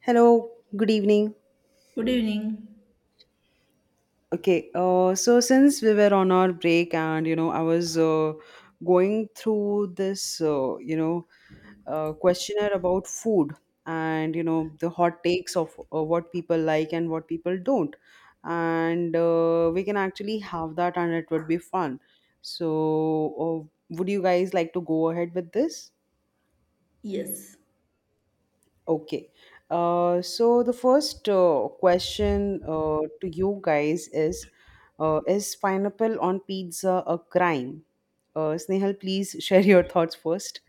Hello, good evening. Good evening. Okay, so since we were on our break and I was going through this questionnaire about food and the hot takes of what people like and what people don't. And We can actually have that, and it would be fun. So, would you guys like to go ahead with this? Yes. Okay. So the first question to you guys is is pineapple on pizza a crime? Snehal, please share your thoughts first.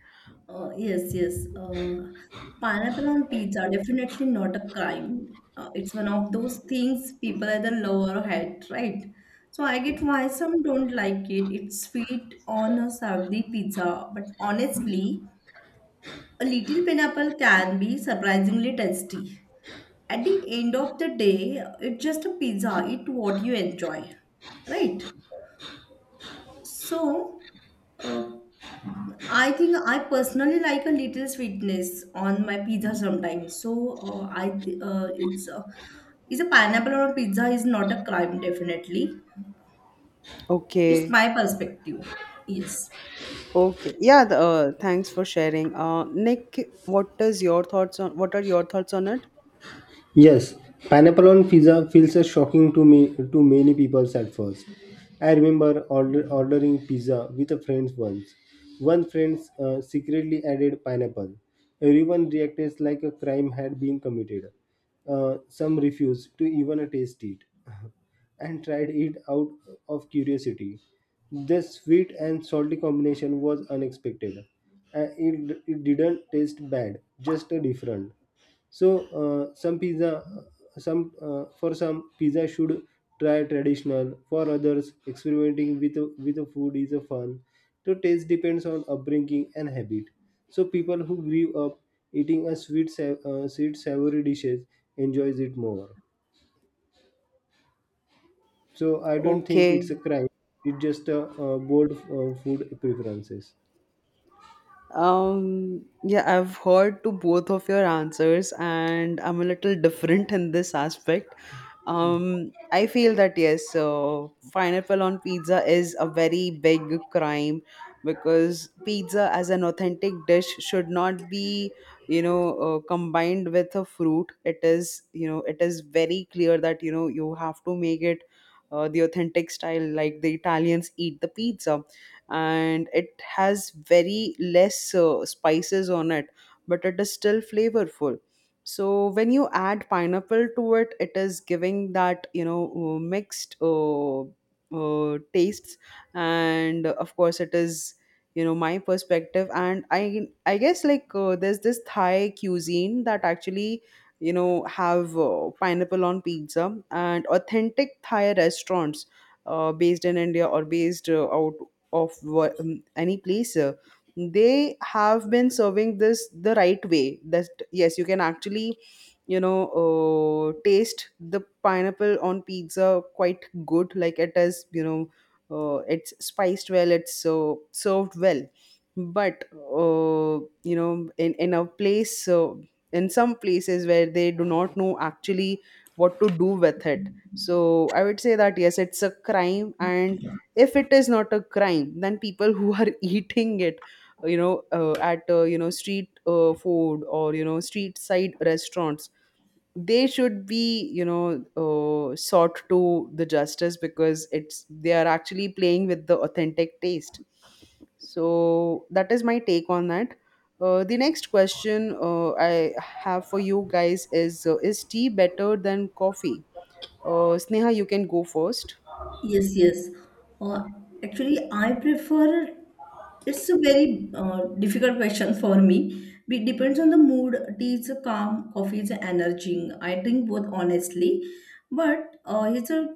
Uh, yes, yes. Uh, Pineapple on pizza, definitely not a crime. It's one of those things people either love or hate, right? So I get why some don't like it. It's sweet on a savory pizza, but honestly, a little pineapple can be surprisingly tasty. At the end of the day, it's just a pizza. Eat what you enjoy, right? So, uh, I think I personally like a little sweetness on my pizza sometimes. So it's is a pineapple on a pizza is not a crime definitely. It's Okay. my perspective. Yes, Okay. Yeah, thanks for sharing. Nick, what are your thoughts on it? Yes, pineapple on pizza feels a shocking to me to many people at first. I remember ordering pizza with a friend once. One friend secretly added pineapple. Everyone reacted like a crime had been committed. Some refused to even taste it and tried it out of curiosity. The sweet and salty combination was unexpected. It didn't taste bad, just a different. So some pizza, some for some pizza should try traditional. For others, experimenting with a food is a fun. So taste depends on upbringing and habit. So people who grew up eating a sweet savory dishes enjoys it more. So I don't think it's a Okay. crime. It's just a, bold food preferences. Yeah, I've heard to both of your answers, and I'm a little different in this aspect. I feel that yes, so pineapple on pizza is a very big crime because pizza as an authentic dish should not be, combined with a fruit. It is, you know, it is very clear that you know you have to make it the authentic style, like the Italians eat the pizza, and it has very less spices on it, but it is still flavorful. So when you add pineapple to it, it is giving that you know mixed tastes. And of course it is, you know, my perspective. And I guess, like, there's this Thai cuisine that actually, you know, have pineapple on pizza, and authentic Thai restaurants based in India or based out of any place, they have been serving this the right way, that yes, you can actually, you know, taste the pineapple on pizza quite good. Like, it is, you know, it's spiced well, it's so served well. But you know, in a place, so in some places where they do not know actually what to do with it, so I would say that yes, it's a crime. And if it is not a crime, then people who are eating it, you know, at, street food or, you know, street side restaurants, they should be, you know, sought to the justice because it's they are actually playing with the authentic taste. So that is my take on that. The next question I have for you guys is, is tea better than coffee? Uh, Sneha, you can go first. yes, yes. Uh, Actually, I prefer. It's a very difficult question for me. It depends on the mood. Tea is a calm, coffee is energizing. I drink both honestly, but it's a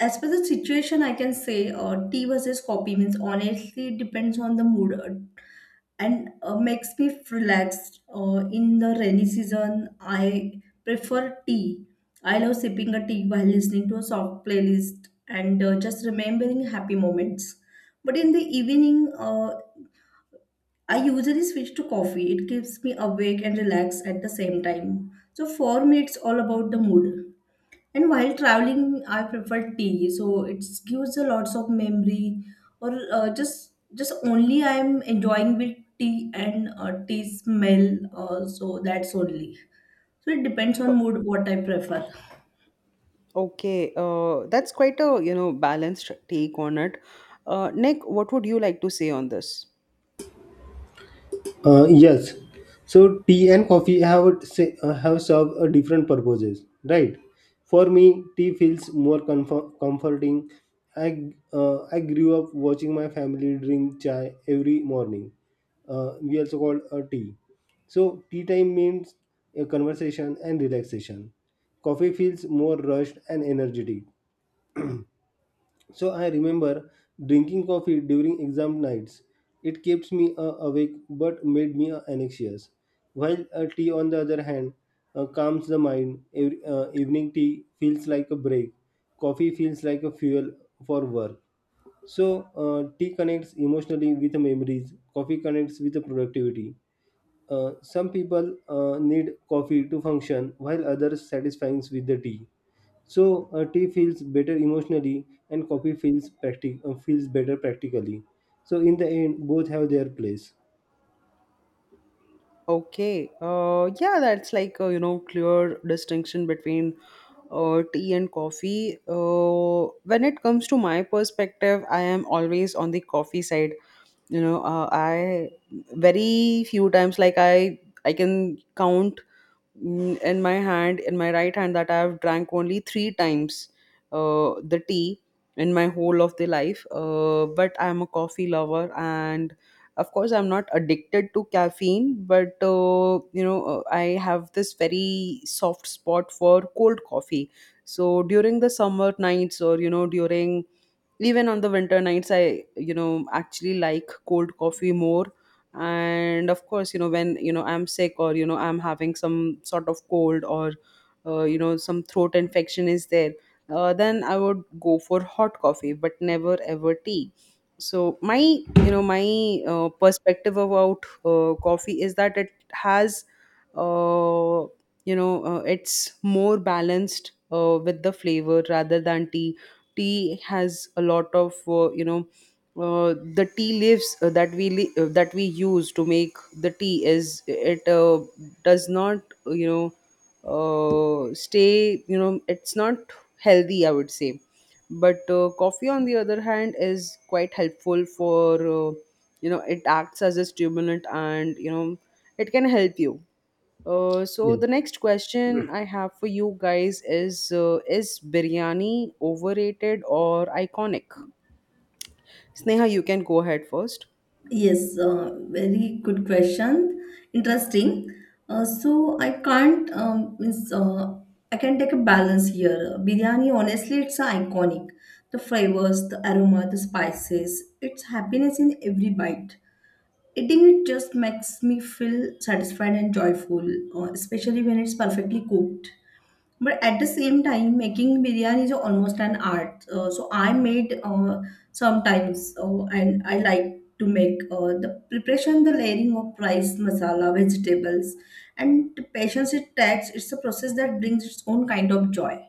as per the situation I can say, tea versus coffee means honestly depends on the mood, and makes me relaxed. In the rainy season I prefer tea. I love sipping a tea while listening to a soft playlist and just remembering happy moments. But in the evening uh, I usually switch to coffee. It keeps me awake and relaxed at the same time. So for me it's all about the mood. And while traveling, I prefer tea, so it gives a lots of memory. Or just only I'm enjoying with tea and tea smell. So that's only. So it depends on mood what I prefer. Okay, that's quite a, you know, balanced take on it. Nick, what would you like to say on this? Uh, yes. So tea and coffee have served a different purposes, right? For me, tea feels more comforting. I I grew up watching my family drink chai every morning. We also call a tea. So tea time means a conversation and relaxation. Coffee feels more rushed and energetic. So I remember drinking coffee during exam nights. It kept me awake but made me anxious. While tea, on the other hand, calms the mind. Every, evening tea feels like a break. Coffee feels like a fuel for work. So tea connects emotionally with memories. Coffee connects with the productivity. Some people need coffee to function, while others satisfies with the tea. So tea feels better emotionally, and coffee feels better practically. So in the end, both have their place. Okay. Yeah, that's like, you know, clear distinction between tea and coffee. When it comes to my perspective, I am always on the coffee side. You know, I very few times, like I can count, in my hand, in my right hand, that I have drank only 3 times the tea in my whole of the life. But I'm a coffee lover and of course, I'm not addicted to caffeine, but I have this very soft spot for cold coffee. So during the summer nights, or, you know, during even on the winter nights, I, you know, actually like cold coffee more. And of course, you know, when, you know, I'm sick or, you know, I'm having some sort of cold or you know, some throat infection is there, then I would go for hot coffee but never ever tea. So my, you know, my perspective about coffee is that it has uh, it's more balanced with the flavor rather than tea. Tea has a lot of, you know, the tea leaves that we use to make the tea, is it, does not uh, you know stay, you know, it's not healthy, I would say. But coffee on the other hand is quite helpful for, you know, it acts as a stimulant, and you know, it can help you. Uh, so Yes. the next question I have for you guys is, is biryani overrated or iconic? Sneha, you can go ahead first. Yes, very good question. Interesting. So I can't means, I can take a balance here. Biryani, honestly, it's iconic. The flavors, the aroma, the spices, it's happiness in every bite. Eating it just makes me feel satisfied and joyful, especially when it's perfectly cooked. But at the same time, making biryani is almost an art. So I made sometimes, and I like to make the preparation, the layering of rice, masala, vegetables, and the patience it takes. It's a process that brings its own kind of joy.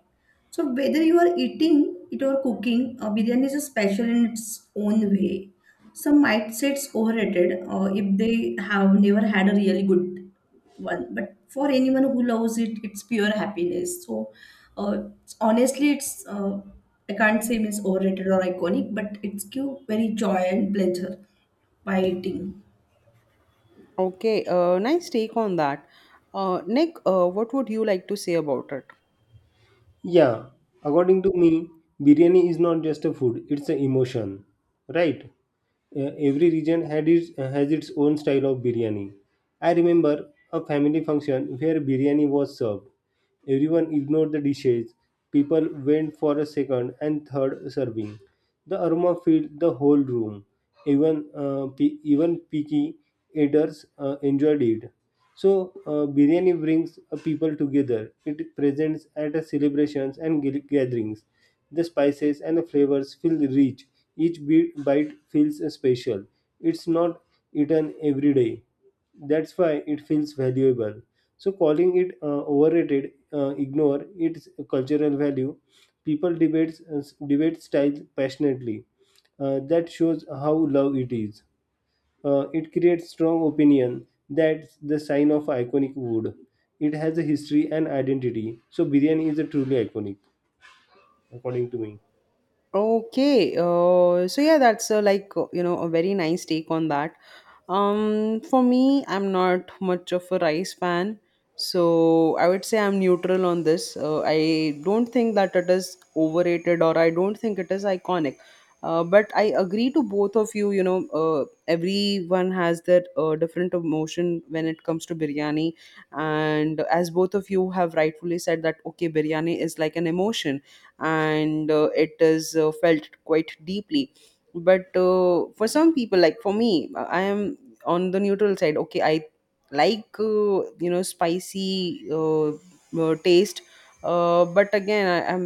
So whether you are eating it or cooking, biryani is a special in its own way. Some might say it's overrated if they have never had a really good one. But for anyone who loves it, it's pure happiness. So it's- honestly, it's I can't say it's overrated or iconic, but it's give very joy and pleasure by eating. Okay, nice take on that. Nick, what would you like to say about it? Yeah, according to me, biryani is not just a food, it's an emotion, right? Every region has its own style of biryani. I remember a family function where biryani was served. Everyone ignored the dishes. People went for a second and third serving. The aroma filled the whole room. Even, even picky eaters enjoyed it. So biryani brings people together. It presents at a celebrations and gatherings. The spices and the flavors feel rich. Each bit, bite feels special. It's not eaten every day. That's why it feels valuable. So calling it overrated, ignore its cultural value. People debates debate style passionately. That shows how love it is. It creates strong opinion. That's the sign of iconic food. It has a history and identity. So biryani is a truly iconic, according to me. Okay, so yeah, that's like, you know, a very nice take on that. For me, I'm not much of a rice fan, so I would say I'm neutral on this. I don't think that it is overrated, or I don't think it is iconic. But I agree to both of you. You know, everyone has their different emotion when it comes to biryani, and as both of you have rightfully said that okay, biryani is like an emotion, and it is felt quite deeply. But for some people, like for me, I am on the neutral side. Okay, I like, you know, spicy, taste. But again, I am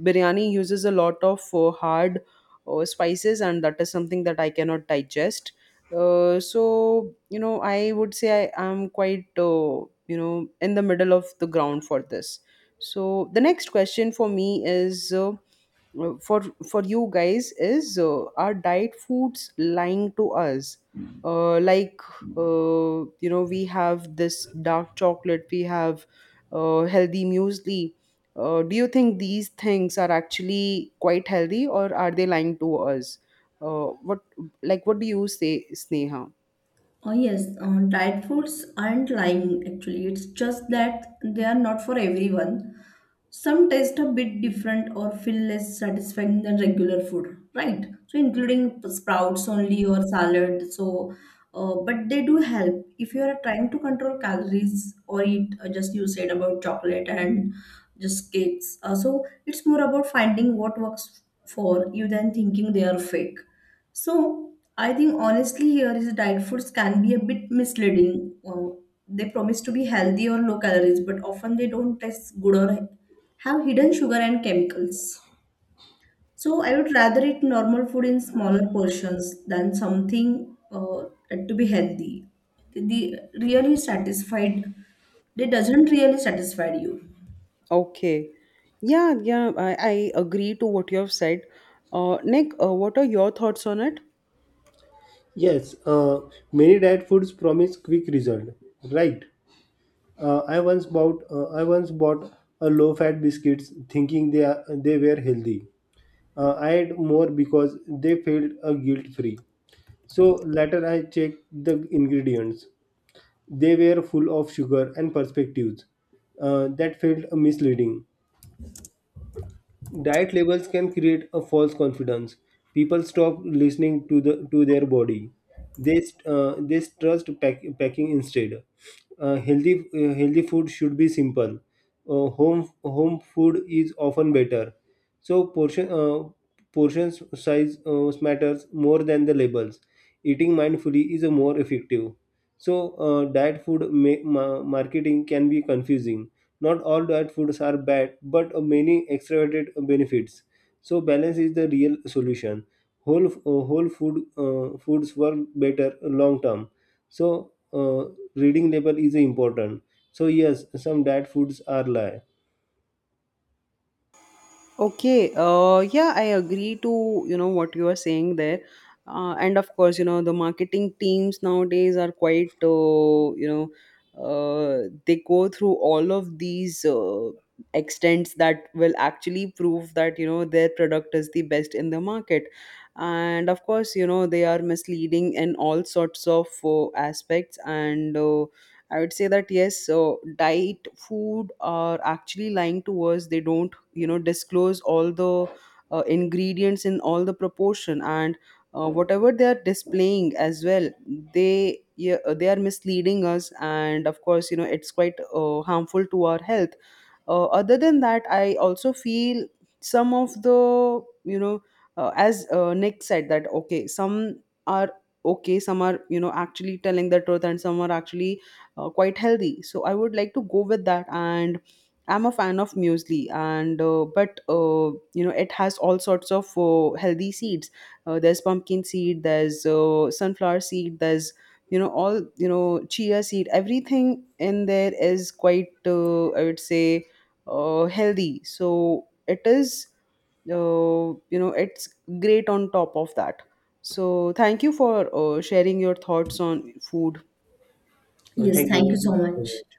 biryani uses a lot of hard spices, and that is something that I cannot digest. So you know, I would say I am quite, you know, in the middle of the ground for this. So the next question for me is, uh, for for you guys is, are diet foods lying to us? Like, you know, we have this dark chocolate, we have healthy muesli. Do you think these things are actually quite healthy, or are they lying to us? What like what do you say, Sneha? Oh yes, diet foods aren't lying actually. It's just that they are not for everyone. Some taste a bit different or feel less satisfying than regular food, right? So, including sprouts only or salad. So, but they do help if you are trying to control calories or eat, just you said about chocolate and just cakes. So, it's more about finding what works for you than thinking they are fake. So, I think honestly, here is diet foods can be a bit misleading. They promise to be healthy or low calories, but often they don't taste good or right. Have hidden sugar and chemicals. So I would rather eat normal food in smaller portions than something to be healthy. The really satisfied, they doesn't really satisfy you. Okay, yeah, yeah, I agree to what you have said. Nick, what are your thoughts on it? Yes, many diet foods promise quick result. Right. I once bought a low-fat biscuits they were healthy. I had more because they felt guilt-free. So later I checked the ingredients. They were full of sugar and perspectives that felt misleading. Diet labels can create a false confidence. People stop listening to their body. They st- they trust pack, packing instead. Healthy food should be simple. Home food is often better. So portion. Portions size matters more than the labels. Eating mindfully is a more effective. So diet food marketing can be confusing. Not all diet foods are bad, but many extravagant benefits. So balance is the real solution. Whole f- whole food foods work better long term. So reading label is important. So yes, some diet foods are lie. Okay, yeah, I agree to, you know, what you are saying there. And of course, you know, the marketing teams nowadays are quite, they go through all of these extents that will actually prove that, you know, their product is the best in the market. And of course, you know, they are misleading in all sorts of aspects. And I would say that yes, so diet, food are actually lying to us. They don't, you know, disclose all the ingredients in all the proportion and whatever they are displaying as well. They, yeah, they are misleading us. And of course, you know, it's quite harmful to our health. Uh, other than that, I also feel some of the, you know, as Nick said, that okay, some are, okay, some are, you know, actually telling the truth, and some are actually quite healthy. So I would like to go with that. And I'm a fan of muesli, and but you know, it has all sorts of healthy seeds. There's pumpkin seed, there's sunflower seed, there's, you know, all, you know, chia seed. Everything in there is quite, I would say, healthy. So it is, you know, it's great on top of that. So thank you for sharing your thoughts on food. Yes, thank you so Thank you so much. much.